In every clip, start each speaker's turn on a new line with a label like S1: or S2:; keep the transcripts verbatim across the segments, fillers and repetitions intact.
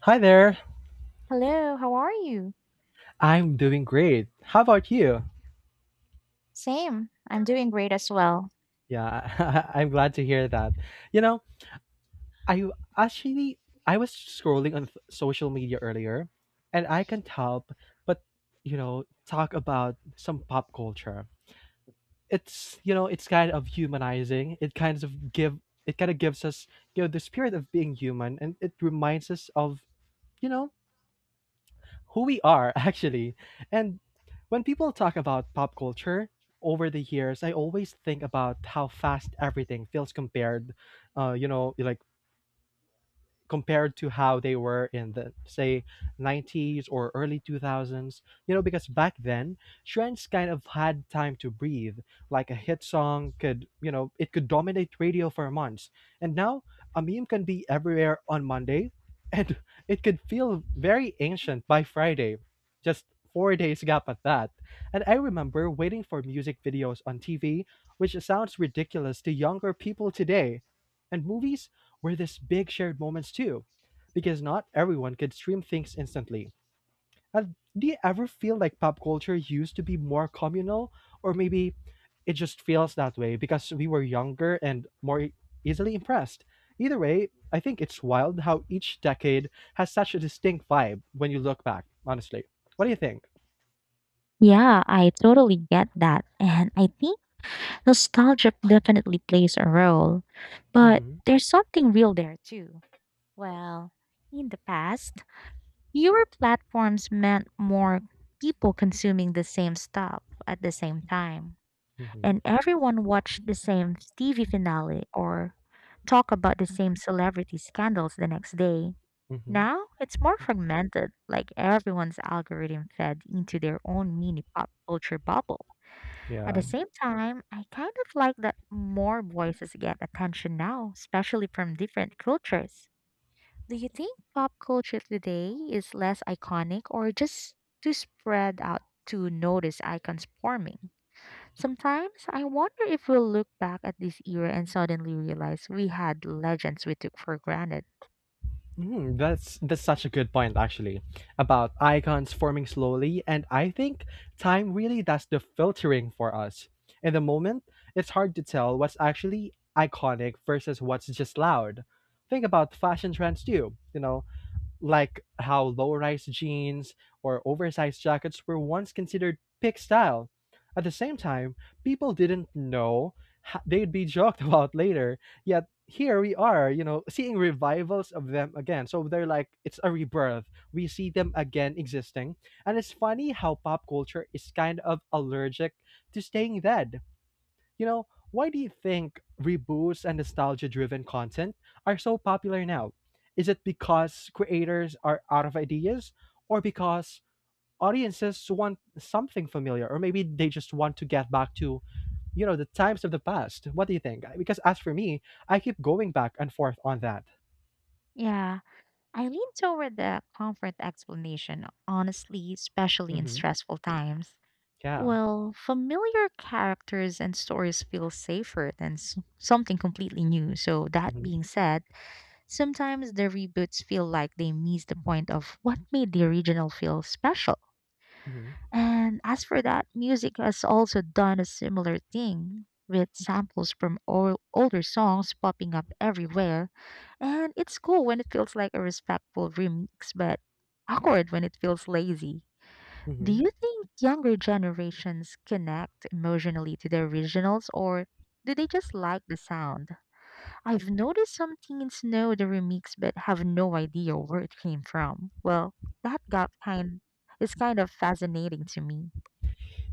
S1: Hi there.
S2: Hello, how are you?
S1: I'm doing great. How about you?
S2: Same. I'm doing great as well.
S1: Yeah, I'm glad to hear that. You know, I actually I was scrolling on f- social media earlier and I can't help but, you know, talk about some pop culture. It's, you know, it's kind of humanizing. It kind of give it kind of gives us, you know, the spirit of being human, and it reminds us of, you know, who we are, actually. And when people talk about pop culture over the years, I always think about how fast everything feels compared. Uh, you know, like compared to how they were in the say nineties or early two thousands. You know, because back then trends kind of had time to breathe. Like a hit song could, you know, it could dominate radio for months. And now a meme can be everywhere on monday and it could feel very ancient by friday. Just four days gap at that. And I remember waiting for music videos on tv, which sounds ridiculous to younger people today. And movies were these big shared moments too, because not everyone could stream things instantly. And do you ever feel like pop culture used to be more communal, or maybe it just feels that way because we were younger and more e- easily impressed? Either way, I think it's wild how each decade has such a distinct vibe when you look back, honestly. What do you think?
S2: Yeah, I totally get that. And I think nostalgia definitely plays a role. But
S1: Hmm.
S2: there's something real there too. Well, in the past, fewer platforms meant more people consuming the same stuff at the same time.
S1: Hmm.
S2: And everyone watched the same T V finale or talk about the same celebrity scandals the next day.
S1: Hmm.
S2: Now it's more fragmented, like everyone's algorithm fed into their own mini pop culture bubble. At the
S1: Yeah.
S2: same time, I kind of like that more voices get attention now, especially from different cultures. Do you think pop culture today is less iconic or just too spread out to notice icons forming? Sometimes I wonder if we'll look back at this era and suddenly realize we had legends we took for granted.
S1: Mm, that's that's such a good point actually about icons forming slowly. And I think time really does the filtering for us. In the moment, it's hard to tell what's actually iconic versus what's just loud. Think about fashion trends too. You know, like how low-rise jeans or oversized jackets were once considered pick style. At the same time, people didn't know ho- they'd be joked about later. Yet here we are, you know, seeing revivals of them again. So they're like it's a rebirth. We see them again existing. And it's funny how pop culture is kind of allergic to staying dead. You know, why do you think reboots and nostalgia driven content are so popular now? Is it because creators are out of ideas, or because audiences want something familiar, or maybe they just want to get back to, you know, the times of the past? What do you think? Because as for me, I keep going back and forth on that.
S2: Yeah, I lean toward the comfort explanation, honestly, especially in
S1: Hmm.
S2: stressful times.
S1: Yeah.
S2: Well, familiar characters and stories feel safer than s- something completely new. So, that
S1: Hmm.
S2: being said, sometimes the reboots feel like they miss the point of what made the original feel special.
S1: Hmm.
S2: And as for that, music has also done a similar thing, with samples from all older songs popping up everywhere. And it's cool when it feels like a respectful remix, but awkward when it feels lazy. Do
S1: Hmm.
S2: you think younger generations connect emotionally to the originals, or do they just like the sound? I've noticed some teens know the remix but have no idea where it came from. Well, that got kind is kind of fascinating to me.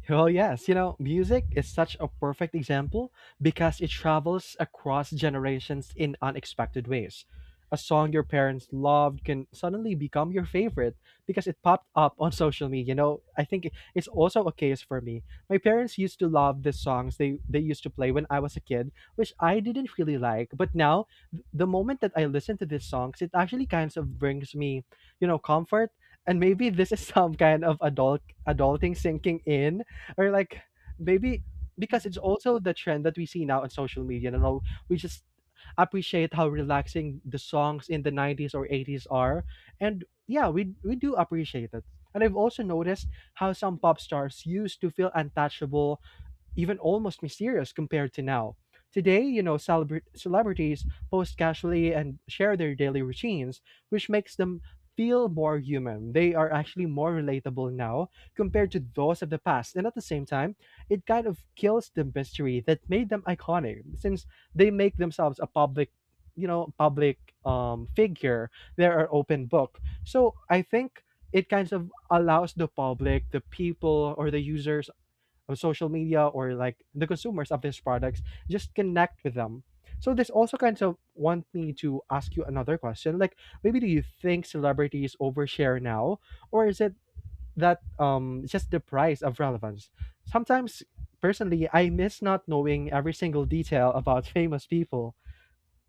S1: Well, yes, you know, music is such a perfect example because it travels across generations in unexpected ways. A song your parents loved can suddenly become your favorite because it popped up on social media. You know, I think it's also a case for me. My parents used to love the songs they, they used to play when I was a kid, which I didn't really like. But now, th- the moment that I listen to these songs, it actually kind of brings me, you know, comfort. And maybe this is some kind of adult adulting sinking in. Or like maybe because it's
S2: Mhm.
S1: also the trend that we see now on social media and all, we just appreciate how relaxing the songs in the nineties or eighties are. And yeah, we we do appreciate it. And I've also noticed how some pop stars used to feel untouchable, even almost mysterious compared to now. Today, you know, celebra- celebrities post casually and share their daily routines, which makes them feel more human. They are actually more relatable now compared to those of the past. And at the same time, it kind of kills the mystery that made them iconic, since they make themselves a public, you know, public um, figure. They're an open book. So I think it kind of allows the public, the people, or the users of social media, or like the consumers of these products, just connect with them. So this also kind of want me to ask you another question, like maybe do you think celebrities overshare now, or is it that um just the price of relevance sometimes? Personally I miss not knowing every single detail about famous people.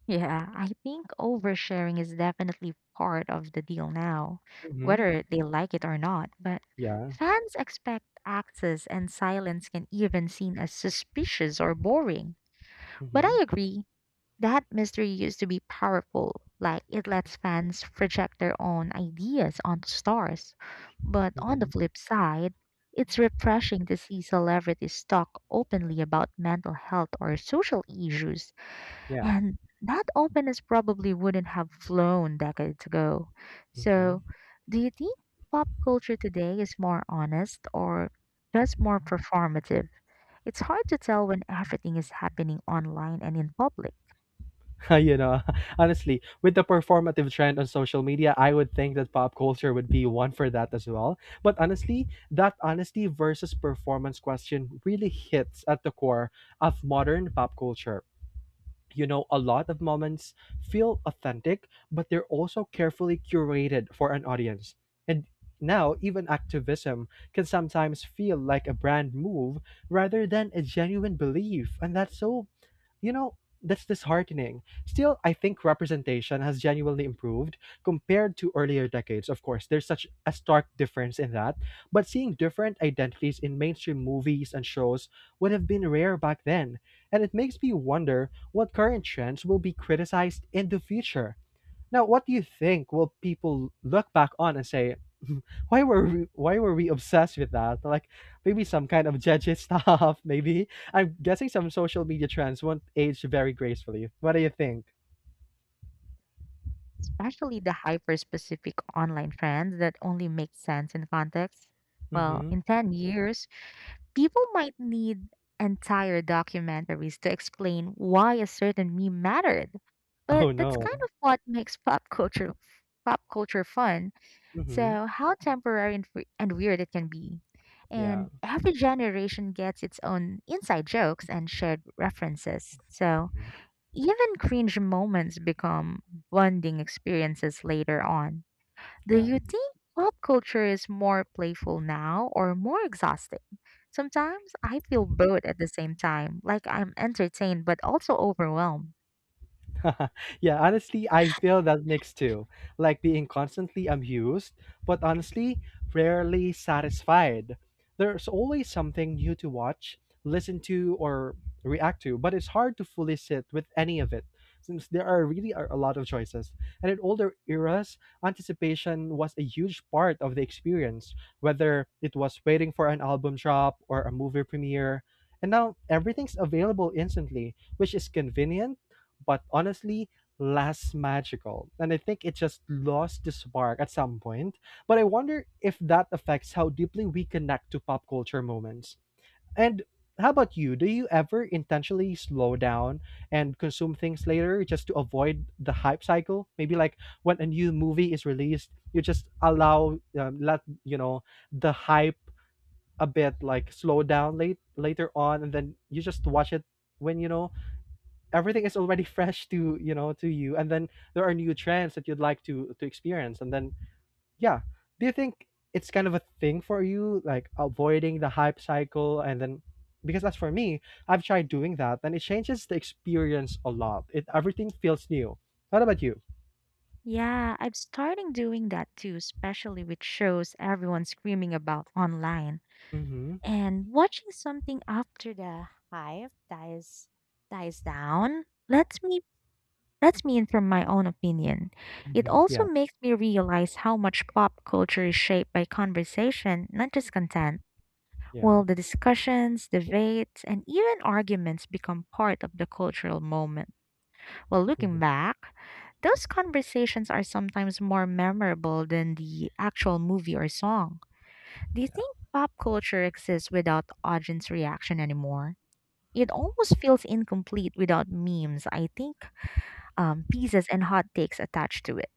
S2: Yeah, I think oversharing is definitely part of the deal now,
S1: Hmm.
S2: whether they like it or not. But
S1: Yeah.
S2: fans expect access, and silence can even seem as suspicious or boring. But
S1: Hmm.
S2: I agree, that mystery used to be powerful. Like, it lets fans project their own ideas onto stars. But on the
S1: Hmm.
S2: flip side, it's refreshing to see celebrities talk openly about mental health or social issues.
S1: Yeah.
S2: And that openness probably wouldn't have flown decades ago. So,
S1: Mhm.
S2: do you think pop culture today is more honest or just more performative? It's hard to tell when everything is happening online and in public,
S1: You know, honestly, with the performative trend on social media, I would think that pop culture would be one for that as well. But honestly, that honesty versus performance question really hits at the core of modern pop culture. You know, a lot of moments feel authentic, but they're also carefully curated for an audience. And now, even activism can sometimes feel like a brand move rather than a genuine belief. And that's so, you know, that's disheartening. Still, I think representation has genuinely improved compared to earlier decades. Of course, there's such a stark difference in that. But seeing different identities in mainstream movies and shows would have been rare back then. And it makes me wonder what current trends will be criticized in the future. Now, what do you think will people look back on and say, why were we, why were we obsessed with that? Like maybe some kind of judgy stuff, maybe. I'm guessing some social media trends won't age very gracefully. What do you think?
S2: especially the hyper specific online trends that only make sense in context. Well,
S1: Mm-hmm.
S2: in ten years, people might need entire documentaries to explain why a certain meme mattered. But
S1: Oh
S2: that's kind
S1: no.
S2: of what makes pop culture pop culture fun.
S1: Mm-hmm.
S2: So how temporary and, fre- and weird it can be.
S1: Yeah.
S2: And every generation gets its own inside jokes and shared references. So
S1: Mhm.
S2: even cringe moments become bonding experiences later on. Do
S1: Yeah.
S2: you think pop culture is more playful now or more exhausting? Sometimes I feel both at the same time, like I'm entertained but also overwhelmed.
S1: Yeah, honestly, I feel that mix too. Like being constantly amused, but honestly, rarely satisfied. There's always something new to watch, listen to, or react to, but it's hard to fully sit with any of it since there are really are a lot of choices. And in older eras, anticipation was a huge part of the experience, whether it was waiting for an album drop or a movie premiere. And now everything's available instantly, which is convenient but honestly less magical. And I think it just lost the spark at some point. But I wonder if that affects how deeply we connect to pop culture moments. And how about you? Do you ever intentionally slow down and consume things later just to avoid the hype cycle? Maybe like when a new movie is released, you just allow um, let you know, the hype a bit, like slow down late later on, and then you just watch it when you know everything is already fresh to you, know to you, and then there are new trends that you'd like to to experience, and then yeah, do you think it's kind of a thing for you, like avoiding the hype cycle? And then because that's for me, I've tried doing that and it changes the experience a lot. It everything feels new. What about you?
S2: Yeah, I'm starting doing that too, especially with shows everyone's screaming about online.
S1: Mm-hmm.
S2: And watching something after the hype dies dies down lets me lets me in from my own opinion. It
S1: Mm-hmm.
S2: also
S1: Yeah.
S2: makes me realize how much pop culture is shaped by conversation, not just content.
S1: Yeah.
S2: Well, the discussions, debates, and even arguments become part of the cultural moment. Well,
S1: Mm-hmm.
S2: looking back, those conversations are sometimes more memorable than the actual movie or song. Do you think pop culture exists without audience reaction anymore? It almost feels incomplete without memes, I think, um, pieces and hot takes attached to it.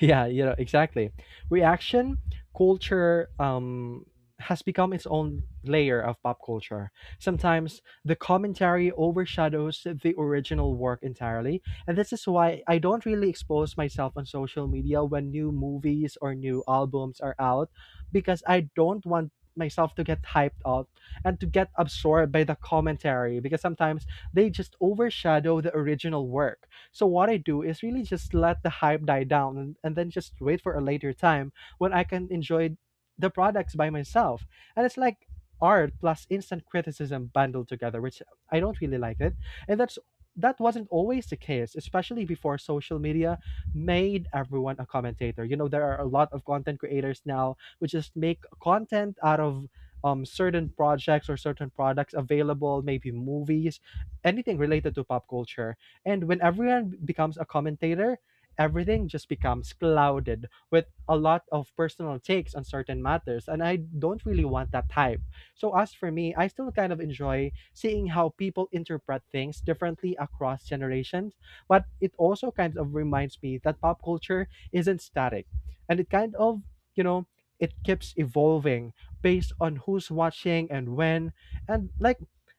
S1: Yeah, you know, exactly. Reaction culture um has become its own layer of pop culture. Sometimes the commentary overshadows the original work entirely, and this is why I don't really expose myself on social media when new movies or new albums are out, because I don't want myself to get hyped up and to get absorbed by the commentary, because sometimes they just overshadow the original work. So what I do is really just let the hype die down, and, and then just wait for a later time when I can enjoy the products by myself. And it's like art plus instant criticism bundled together, which I don't really like it. And that's That wasn't always the case, especially before social media made everyone a commentator. You know, there are a lot of content creators now who just make content out of um, certain projects or certain products available, maybe movies, anything related to pop culture. And when everyone becomes a commentator, everything just becomes clouded with a lot of personal takes on certain matters. And I don't really want that type. So, as for me, I still kind of enjoy seeing how people interpret things differently across generations. But it also kind of reminds me that pop culture isn't static, and it kind of, you know, it keeps evolving based on who's watching and when. And like,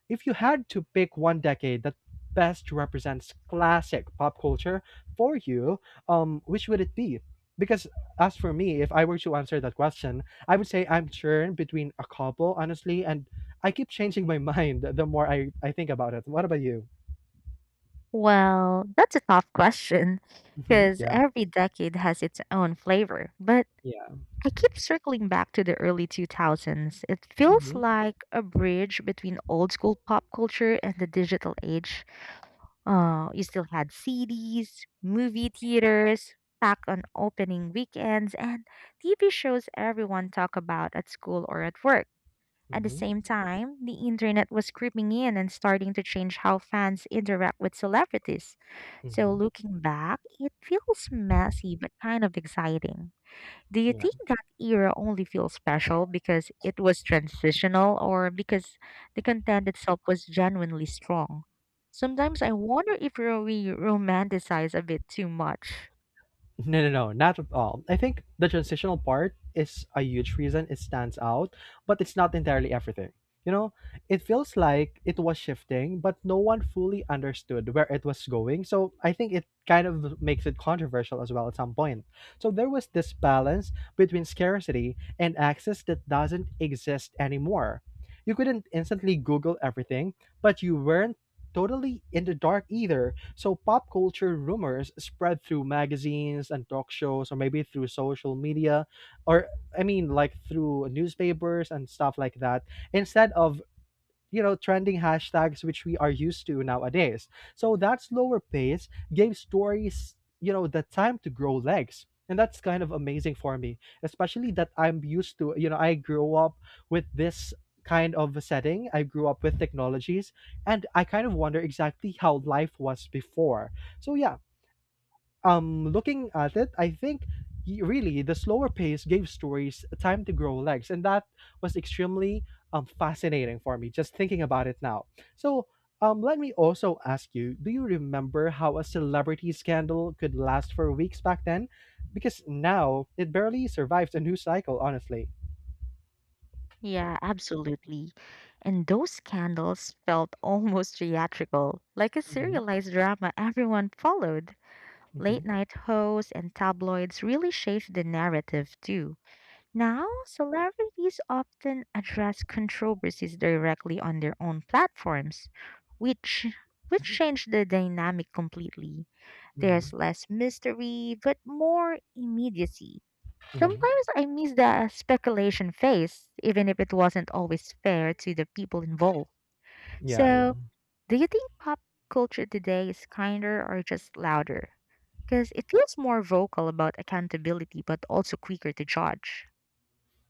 S1: if you had to pick one decade that best represents classic pop culture for you, um, which would it be? Because as for me, if I were to answer that question, I would say I'm churned between a couple, honestly, and I keep changing my mind the more I, I think about it. What about you?
S2: Well, that's a tough question
S1: Hmm.
S2: because
S1: Yeah,
S2: every decade has its own flavor. But
S1: yeah.
S2: I keep circling back to the early two thousands. It feels
S1: Hmm.
S2: like a bridge between old school pop culture and the digital age. Uh, you still had C Ds, movie theaters, back on opening weekends, and T V shows everyone talk about at school or at work. At the
S1: Hmm.
S2: same time, the internet was creeping in and starting to change how fans interact with celebrities. So,
S1: Hmm.
S2: looking back, it feels messy but kind of exciting. Do you
S1: Yeah.
S2: think that era only feels special because it was transitional or because the content itself was genuinely strong? Sometimes I wonder if we romanticize a bit too much.
S1: No, no, no, not at all. I think the transitional part is a huge reason it stands out, but it's not entirely everything. You know, it feels like it was shifting, but no one fully understood where it was going. So I think it kind of makes it controversial as well at some point. So there was this balance between scarcity and access that doesn't exist anymore. You couldn't instantly Google everything, but you weren't totally in the dark either. So pop culture rumors spread through magazines and talk shows, or maybe through social media, or I mean, like through newspapers and stuff like that, instead of you know trending hashtags which we are used to nowadays. So that slower pace gave stories you know the time to grow legs, and that's kind of amazing for me, especially that I'm used to. you know I grew up with this kind of a setting, I grew up with technologies, and I kind of wonder exactly how life was before. So yeah. Um looking at it, I think y- really the slower pace gave stories time to grow legs, and that was extremely um fascinating for me just thinking about it now. So um let me also ask you, do you remember how a celebrity scandal could last for weeks back then? Because now it barely survives a news cycle, honestly.
S2: Yeah, absolutely. And those candles felt almost theatrical, like a
S1: Hmm.
S2: serialized drama everyone followed.
S1: Hmm.
S2: Late night hosts and tabloids really shaped the narrative too. Now, celebrities often address controversies directly on their own platforms, which which changed the dynamic completely.
S1: Hmm.
S2: There's less mystery, but more immediacy.
S1: Hmm.
S2: Sometimes I miss the speculation phase, even if it wasn't always fair to the people involved.
S1: Yeah.
S2: So, do you think pop culture today is kinder or just louder? Because it feels more vocal about accountability, but also quicker to judge.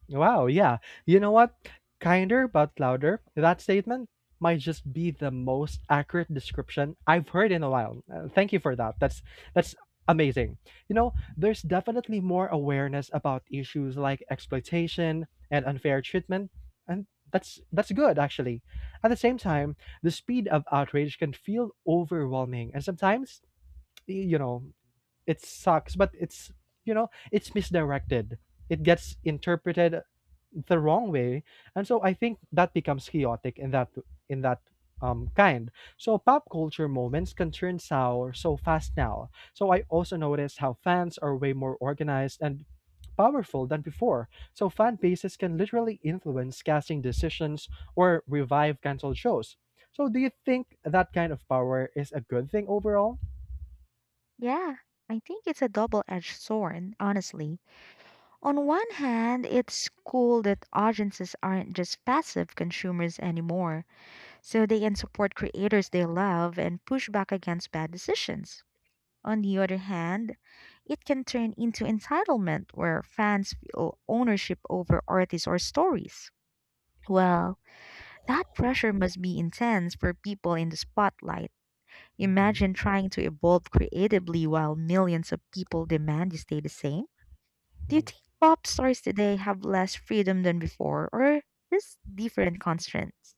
S1: Wow, yeah. You know what? Kinder but louder. That statement might just be the most accurate description I've heard in a while. Uh, thank you for that. That's that's amazing. You know, there's definitely more awareness about issues like exploitation and unfair treatment, and that's that's good actually. At the same time, the speed of outrage can feel overwhelming, and sometimes, y- you know, it sucks, but it's, you know, it's misdirected, it gets interpreted the wrong way. And so I think that becomes chaotic in that in that um, kind. So pop culture moments can turn sour so fast now. So I also notice how fans are way more organized and powerful than before. So fan bases can literally influence casting decisions or revive canceled shows. So do you think that kind of power is a good thing overall?
S2: Yeah, I think it's a double edged sword, honestly. On one hand, it's cool that audiences aren't just passive consumers anymore, so they can support creators they love and push back against bad decisions. On the other hand, it can turn into entitlement where fans feel ownership over artists or stories. Well, that pressure must be intense for people in the spotlight.
S1: Hmm.
S2: Imagine trying to evolve creatively while millions of people demand you stay the same. Do you think pop stars today have less freedom than before, or just different constraints?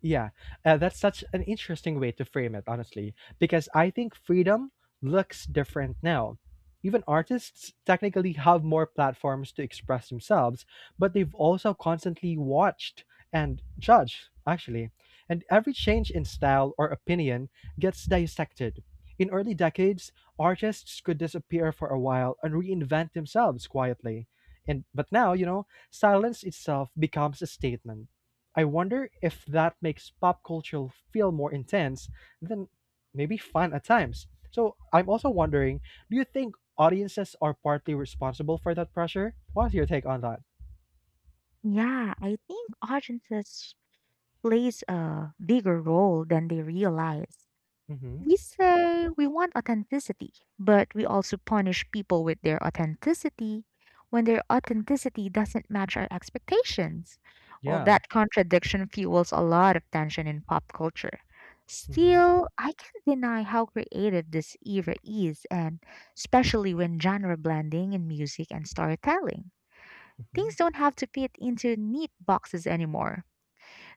S1: Yeah, uh, that's such an interesting way to frame it, honestly, because I think freedom looks different now. Even artists technically have more platforms to express themselves, but they've also constantly watched and judged, actually. And every change in style or opinion gets dissected. In early decades, artists could disappear for a while and reinvent themselves quietly. And but now, you know, silence itself becomes a statement. I wonder if that makes pop culture feel more intense than maybe fun at times. So I'm also wondering, do you think audiences are partly responsible for that pressure? What's your take on that?
S2: Yeah, I think audiences plays a bigger role than they realize.
S1: Mm-hmm.
S2: We say we want authenticity, but we also punish people with their authenticity when their authenticity doesn't match our expectations. Well,
S1: Yeah.
S2: that contradiction fuels a lot of tension in pop culture.
S1: Mm-hmm.
S2: Still, I can't deny how creative this era is, and especially when genre blending in music and storytelling.
S1: Mm-hmm.
S2: Things don't have to fit into neat boxes anymore.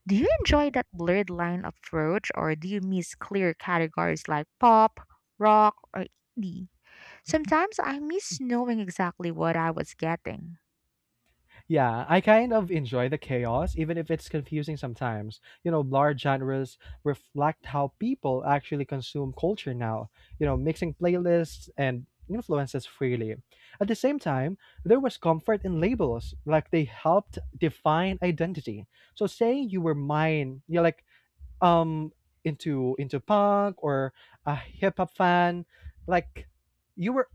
S2: Do you enjoy that blurred line approach or do you miss clear categories like pop, rock, or indie? Sometimes I miss knowing exactly what I was getting.
S1: Yeah, I kind of enjoy the chaos, even if it's confusing sometimes. You know, large genres reflect how people actually consume culture now, you know, mixing playlists and influences freely. At the same time, there was comfort in labels, like they helped define identity. So saying you were mine, you're like um into into punk or a hip hop fan, like you were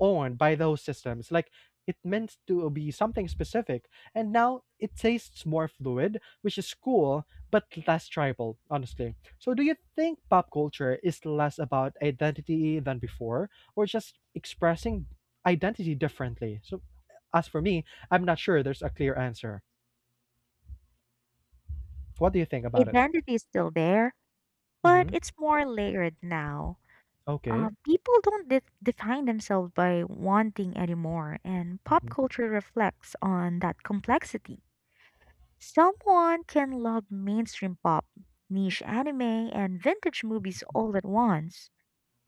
S1: owned by those systems. Like it meant to be something specific, and now it tastes more fluid, which is cool, but less tribal, honestly. So, do you think pop culture is less about identity than before, or just expressing identity differently? So, as for me, I'm not sure there's a clear answer. What do you think about it?
S2: Identity is still there, but
S1: Hmm.
S2: it's more layered now.
S1: Okay.
S2: Uh, people don't de- define themselves by one thing anymore, and pop
S1: Mhm.
S2: culture reflects on that complexity. Someone can love mainstream pop, niche anime, and vintage movies all at once.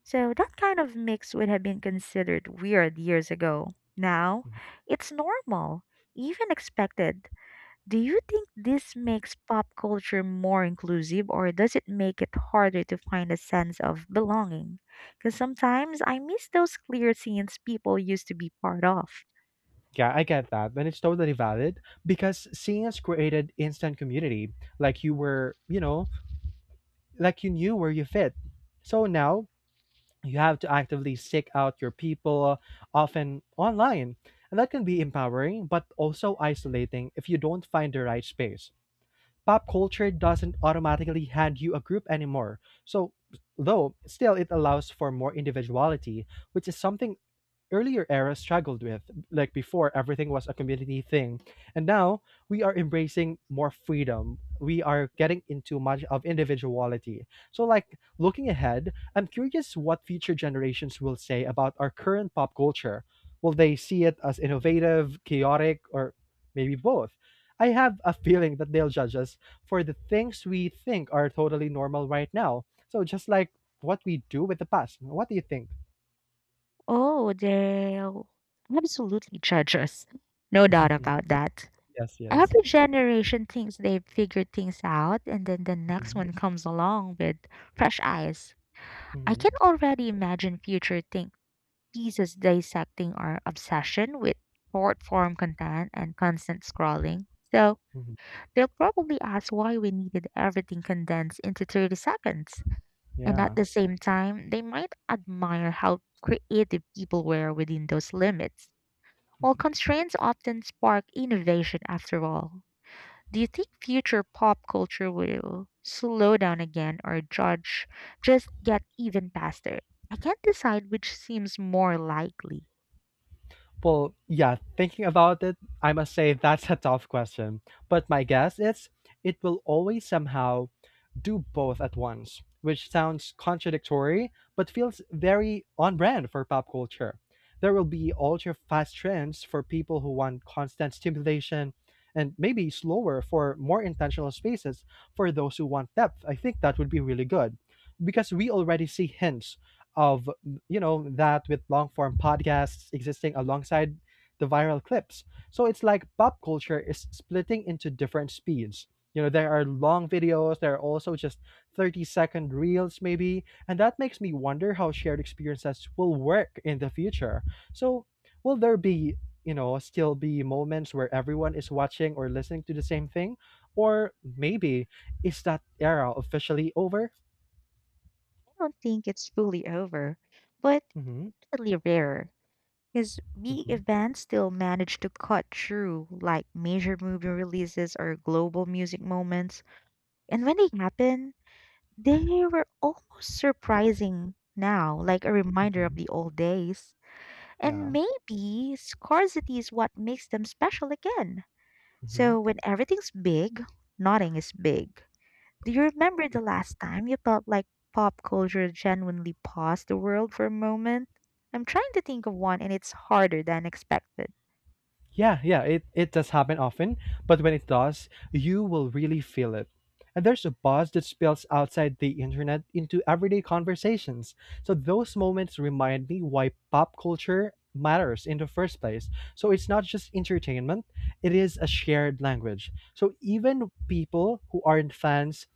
S2: So that kind of mix would have been considered weird years ago. Now,
S1: Mhm.
S2: it's normal, even expected. Do you think this makes pop culture more inclusive or does it make it harder to find a sense of belonging? Because sometimes I miss those clear scenes people used to be part of.
S1: Yeah, I get that. And it's totally valid because seeing us created instant community. Like you were, you know, like you knew where you fit. So now you have to actively seek out your people, often online. And that can be empowering, but also isolating if you don't find the right space. Pop culture doesn't automatically hand you a group anymore. So, though, still it allows for more individuality, which is something earlier era struggled with. Like before, everything was a community thing. And now we are embracing more freedom. We are getting into much of individuality. So, like, looking ahead, I'm curious what future generations will say about our current pop culture. Will they see it as innovative, chaotic, or maybe both? I have a feeling that they'll judge us for the things we think are totally normal right now. So, just like what we do with the past. What do you think?
S2: Oh, they'll absolutely judge us. No doubt about that.
S1: yes, yes.
S2: Every generation thinks they've figured things out, and then the next
S1: Mhm,
S2: one comes along with fresh eyes. I
S1: mhm,
S2: can already imagine future think pieces dissecting our obsession with short form content and constant scrolling. So
S1: mhm,
S2: they'll probably ask why we needed everything condensed into thirty seconds. And at
S1: yeah.
S2: the same time, they might admire how creative people were within those limits. While constraints often spark innovation after all. Do you think future pop culture will slow down again or judge just get even faster? I can't decide which seems more likely.
S1: Well, yeah, thinking about it, I must say that's a tough question. But my guess is it will always somehow do both at once, which sounds contradictory, but feels very on brand for pop culture. There will be ultra fast trends for people who want constant stimulation, and maybe slower for more intentional spaces for those who want depth. I think that would be really good because we already see hints of, you know that with long form podcasts existing alongside the viral clips. So it's like pop culture is splitting into different speeds. You know, there are long videos, there are also just thirty second reels, maybe. And that makes me wonder how shared experiences will work in the future. So, will there be, you know, still be moments where everyone is watching or listening to the same thing? Or maybe is that era officially over?
S2: I don't think it's fully over, but
S1: Hmm.
S2: definitely rarer. Because big
S1: Hmm.
S2: events still manage to cut through, like major movie releases or global music moments. And when they happen, they were almost surprising now, like a reminder of
S1: Hmm.
S2: the old days.
S1: Yeah.
S2: And maybe scarcity is what makes them special again.
S1: Mhm.
S2: So when everything's big, nothing is big. Do you remember the last time you felt like pop culture genuinely paused the world for a moment? I'm trying to think of one and it's harder than expected.
S1: Yeah, yeah, it, it does happen often, but when it does, you will really feel it. And there's a buzz that spills outside the internet into everyday conversations. So those moments remind me why pop culture matters in the first place. So it's not just entertainment, it is a shared language. So even people who aren't fans,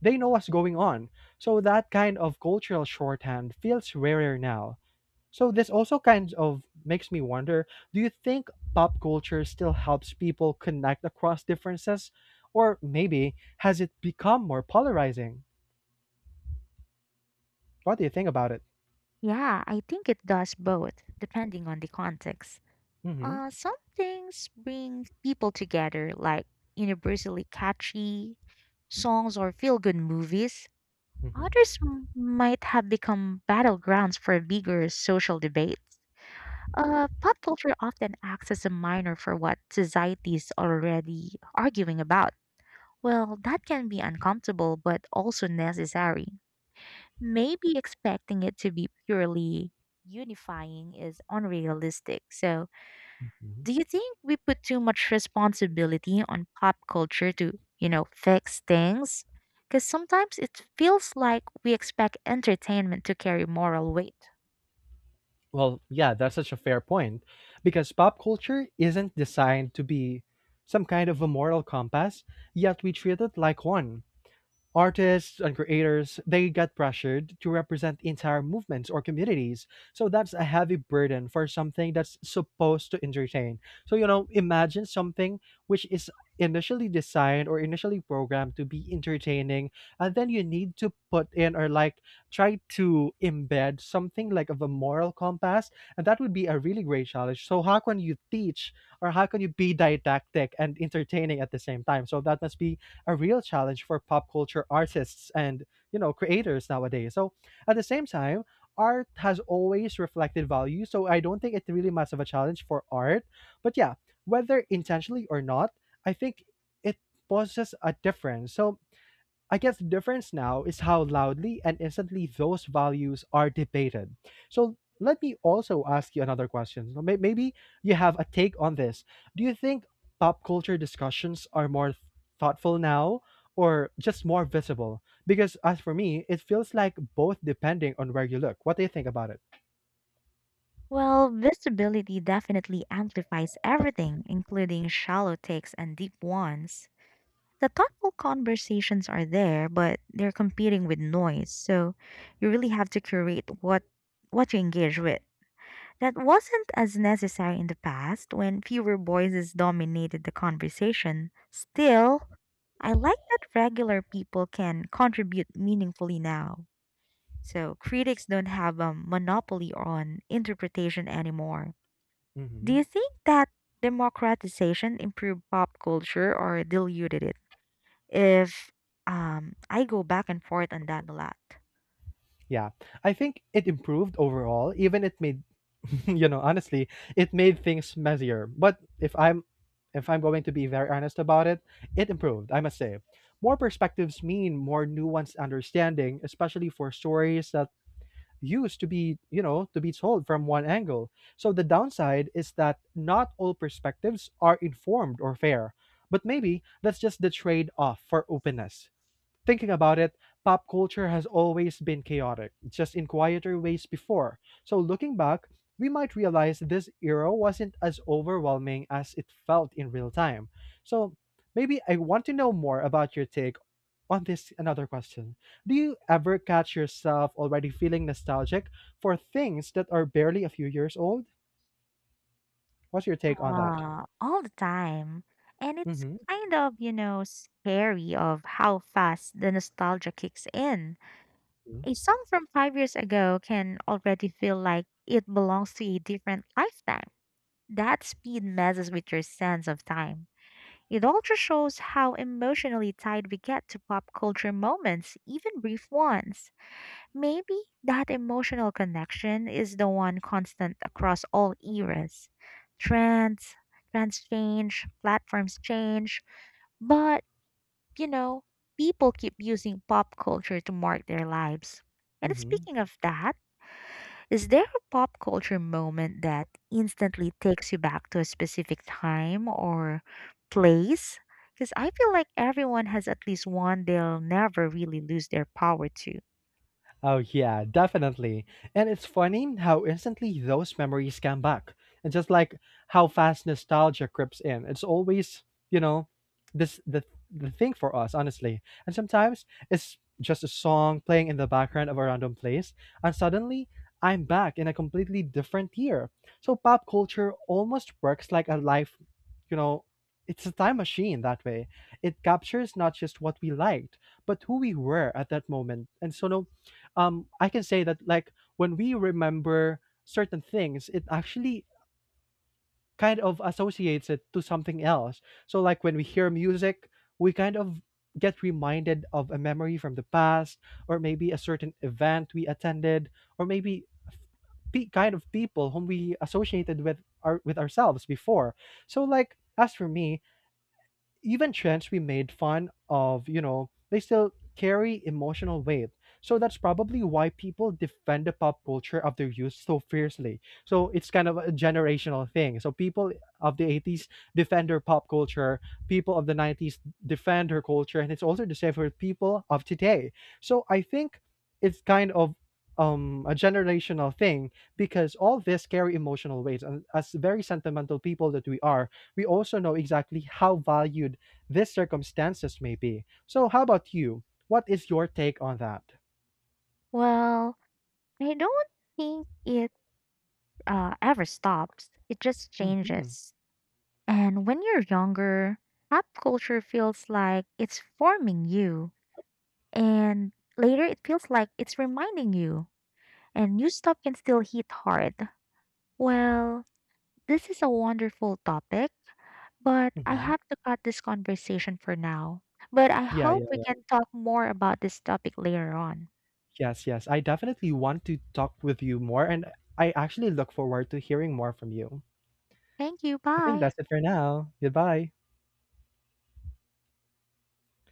S1: they know what's going on. So that kind of cultural shorthand feels rarer now. So this also kind of makes me wonder, do you think pop culture still helps people connect across differences, or maybe has it become more polarizing? What do you think about it?
S2: Yeah, I think it does both, depending on the context.
S1: Mhm.
S2: Uh, some things bring people together, like universally catchy songs or feel good movies.
S1: Mhm.
S2: Others m- might have become battlegrounds for bigger social debates. Uh, pop culture often acts as a minor for what society is already arguing about. Well, that can be uncomfortable but also necessary. Maybe expecting it to be purely unifying is unrealistic, so
S1: Mhm.
S2: do you think we put too much responsibility on pop culture to, you know, fix things? Because sometimes it feels like we expect entertainment to carry moral weight.
S1: Well, yeah, that's such a fair point because pop culture isn't designed to be some kind of a moral compass, yet we treat it like one. Artists and creators, they get pressured to represent entire movements or communities. So that's a heavy burden for something that's supposed to entertain. So you know, imagine something which is initially designed or initially programmed to be entertaining, and then you need to put in, or like, try to embed something like of a moral compass. And that would be a really great challenge. So how can you teach or how can you be didactic and entertaining at the same time? So that must be a real challenge for pop culture artists and, you know, creators nowadays. So at the same time, art has always reflected value, so I don't think it's really much of a challenge for art. But yeah, whether intentionally or not, I think it poses a difference. So I guess the difference now is how loudly and instantly those values are debated. So let me also ask you another question. So may- Maybe you have a take on this. Do you think pop culture discussions are more thoughtful now or just more visible? Because as for me, it feels like both depending on where you look. What do you think about it?
S2: Well, visibility definitely amplifies everything, including shallow takes and deep ones. The thoughtful conversations are there, but they're competing with noise, so you really have to curate what what you engage with. That wasn't as necessary in the past when fewer voices dominated the conversation. Still, I like that regular people can contribute meaningfully now. So critics don't have a monopoly on interpretation anymore. Do you
S1: Hmm.
S2: think that democratization improved pop culture or diluted it? If um, I go back and forth on that a lot.
S1: Yeah, I think it improved overall, even it made, you know, honestly, it made things messier. But if I'm if I'm going to be very honest about it, it improved, I must say. More perspectives mean more nuanced understanding, especially for stories that used to be, you know, to be told from one angle. So the downside is that not all perspectives are informed or fair. But maybe that's just the trade off for openness. Thinking about it, pop culture has always been chaotic, just in quieter ways before. So looking back, we might realize this era wasn't as overwhelming as it felt in real time. So maybe I want to know more about your take on this another question. Do you ever catch yourself already feeling nostalgic for things that are barely a few years old? What's your take on that?
S2: Ah, all the time. And it's
S1: Mm-hmm.
S2: kind of, you know, scary of how fast the nostalgia kicks in. A song from five years ago can already feel like it belongs to a different lifetime. That speed messes with your sense of time. It also shows how emotionally tied we get to pop culture moments, even brief ones. Maybe that emotional connection is the one constant across all eras. Trends, Trends change, platforms change, but you know, people keep using pop culture to mark their lives. And
S1: Mm-hmm.
S2: speaking of that, is there a pop culture moment that instantly takes you back to a specific time or place? Because I feel like everyone has at least one they'll never really lose their power to.
S1: Oh, yeah, definitely. And it's funny how instantly those memories come back. And just like how fast nostalgia creeps in. It's always, you know, this the the thing for us, honestly. And sometimes it's just a song playing in the background of a random place, and suddenly I'm back in a completely different year. So pop culture almost works like a life, you know, it's a time machine that way. It captures not just what we liked, but who we were at that moment. And so no, um I can say that like when we remember certain things, it actually kind of associates it to something else. So like when we hear music, we kind of get reminded of a memory from the past, or maybe a certain event we attended, or maybe pe- kind of people whom we associated with our with ourselves before. So like as for me, even trends we made fun of, you know, they still carry emotional weight. So that's probably why people defend the pop culture of their youth so fiercely. So it's kind of a generational thing. So people of the eighties defend their pop culture, people of the nineties defend their culture, and it's also the same for people of today. So I think it's kind of um, a generational thing because all this carry emotional weights. And as very sentimental people that we are, we also know exactly how valued these circumstances may be. So, how about you? What is your take on that?
S2: Well, I don't think it uh, ever stops, it just
S1: Hmm.
S2: changes. And when you're younger, pop culture feels like it's forming you, and later it feels like it's reminding you, and new stuff can still hit hard. Well, this is a wonderful topic, but I
S1: Hmm.
S2: have to cut this conversation for now. But I
S1: Yeah,
S2: hope
S1: yeah,
S2: we can talk more about this topic later on.
S1: yes, yes. I definitely want to talk with you more, and I actually look forward to hearing more from you.
S2: Thank you.
S1: I think
S2: Bye.
S1: that's it for now. Goodbye.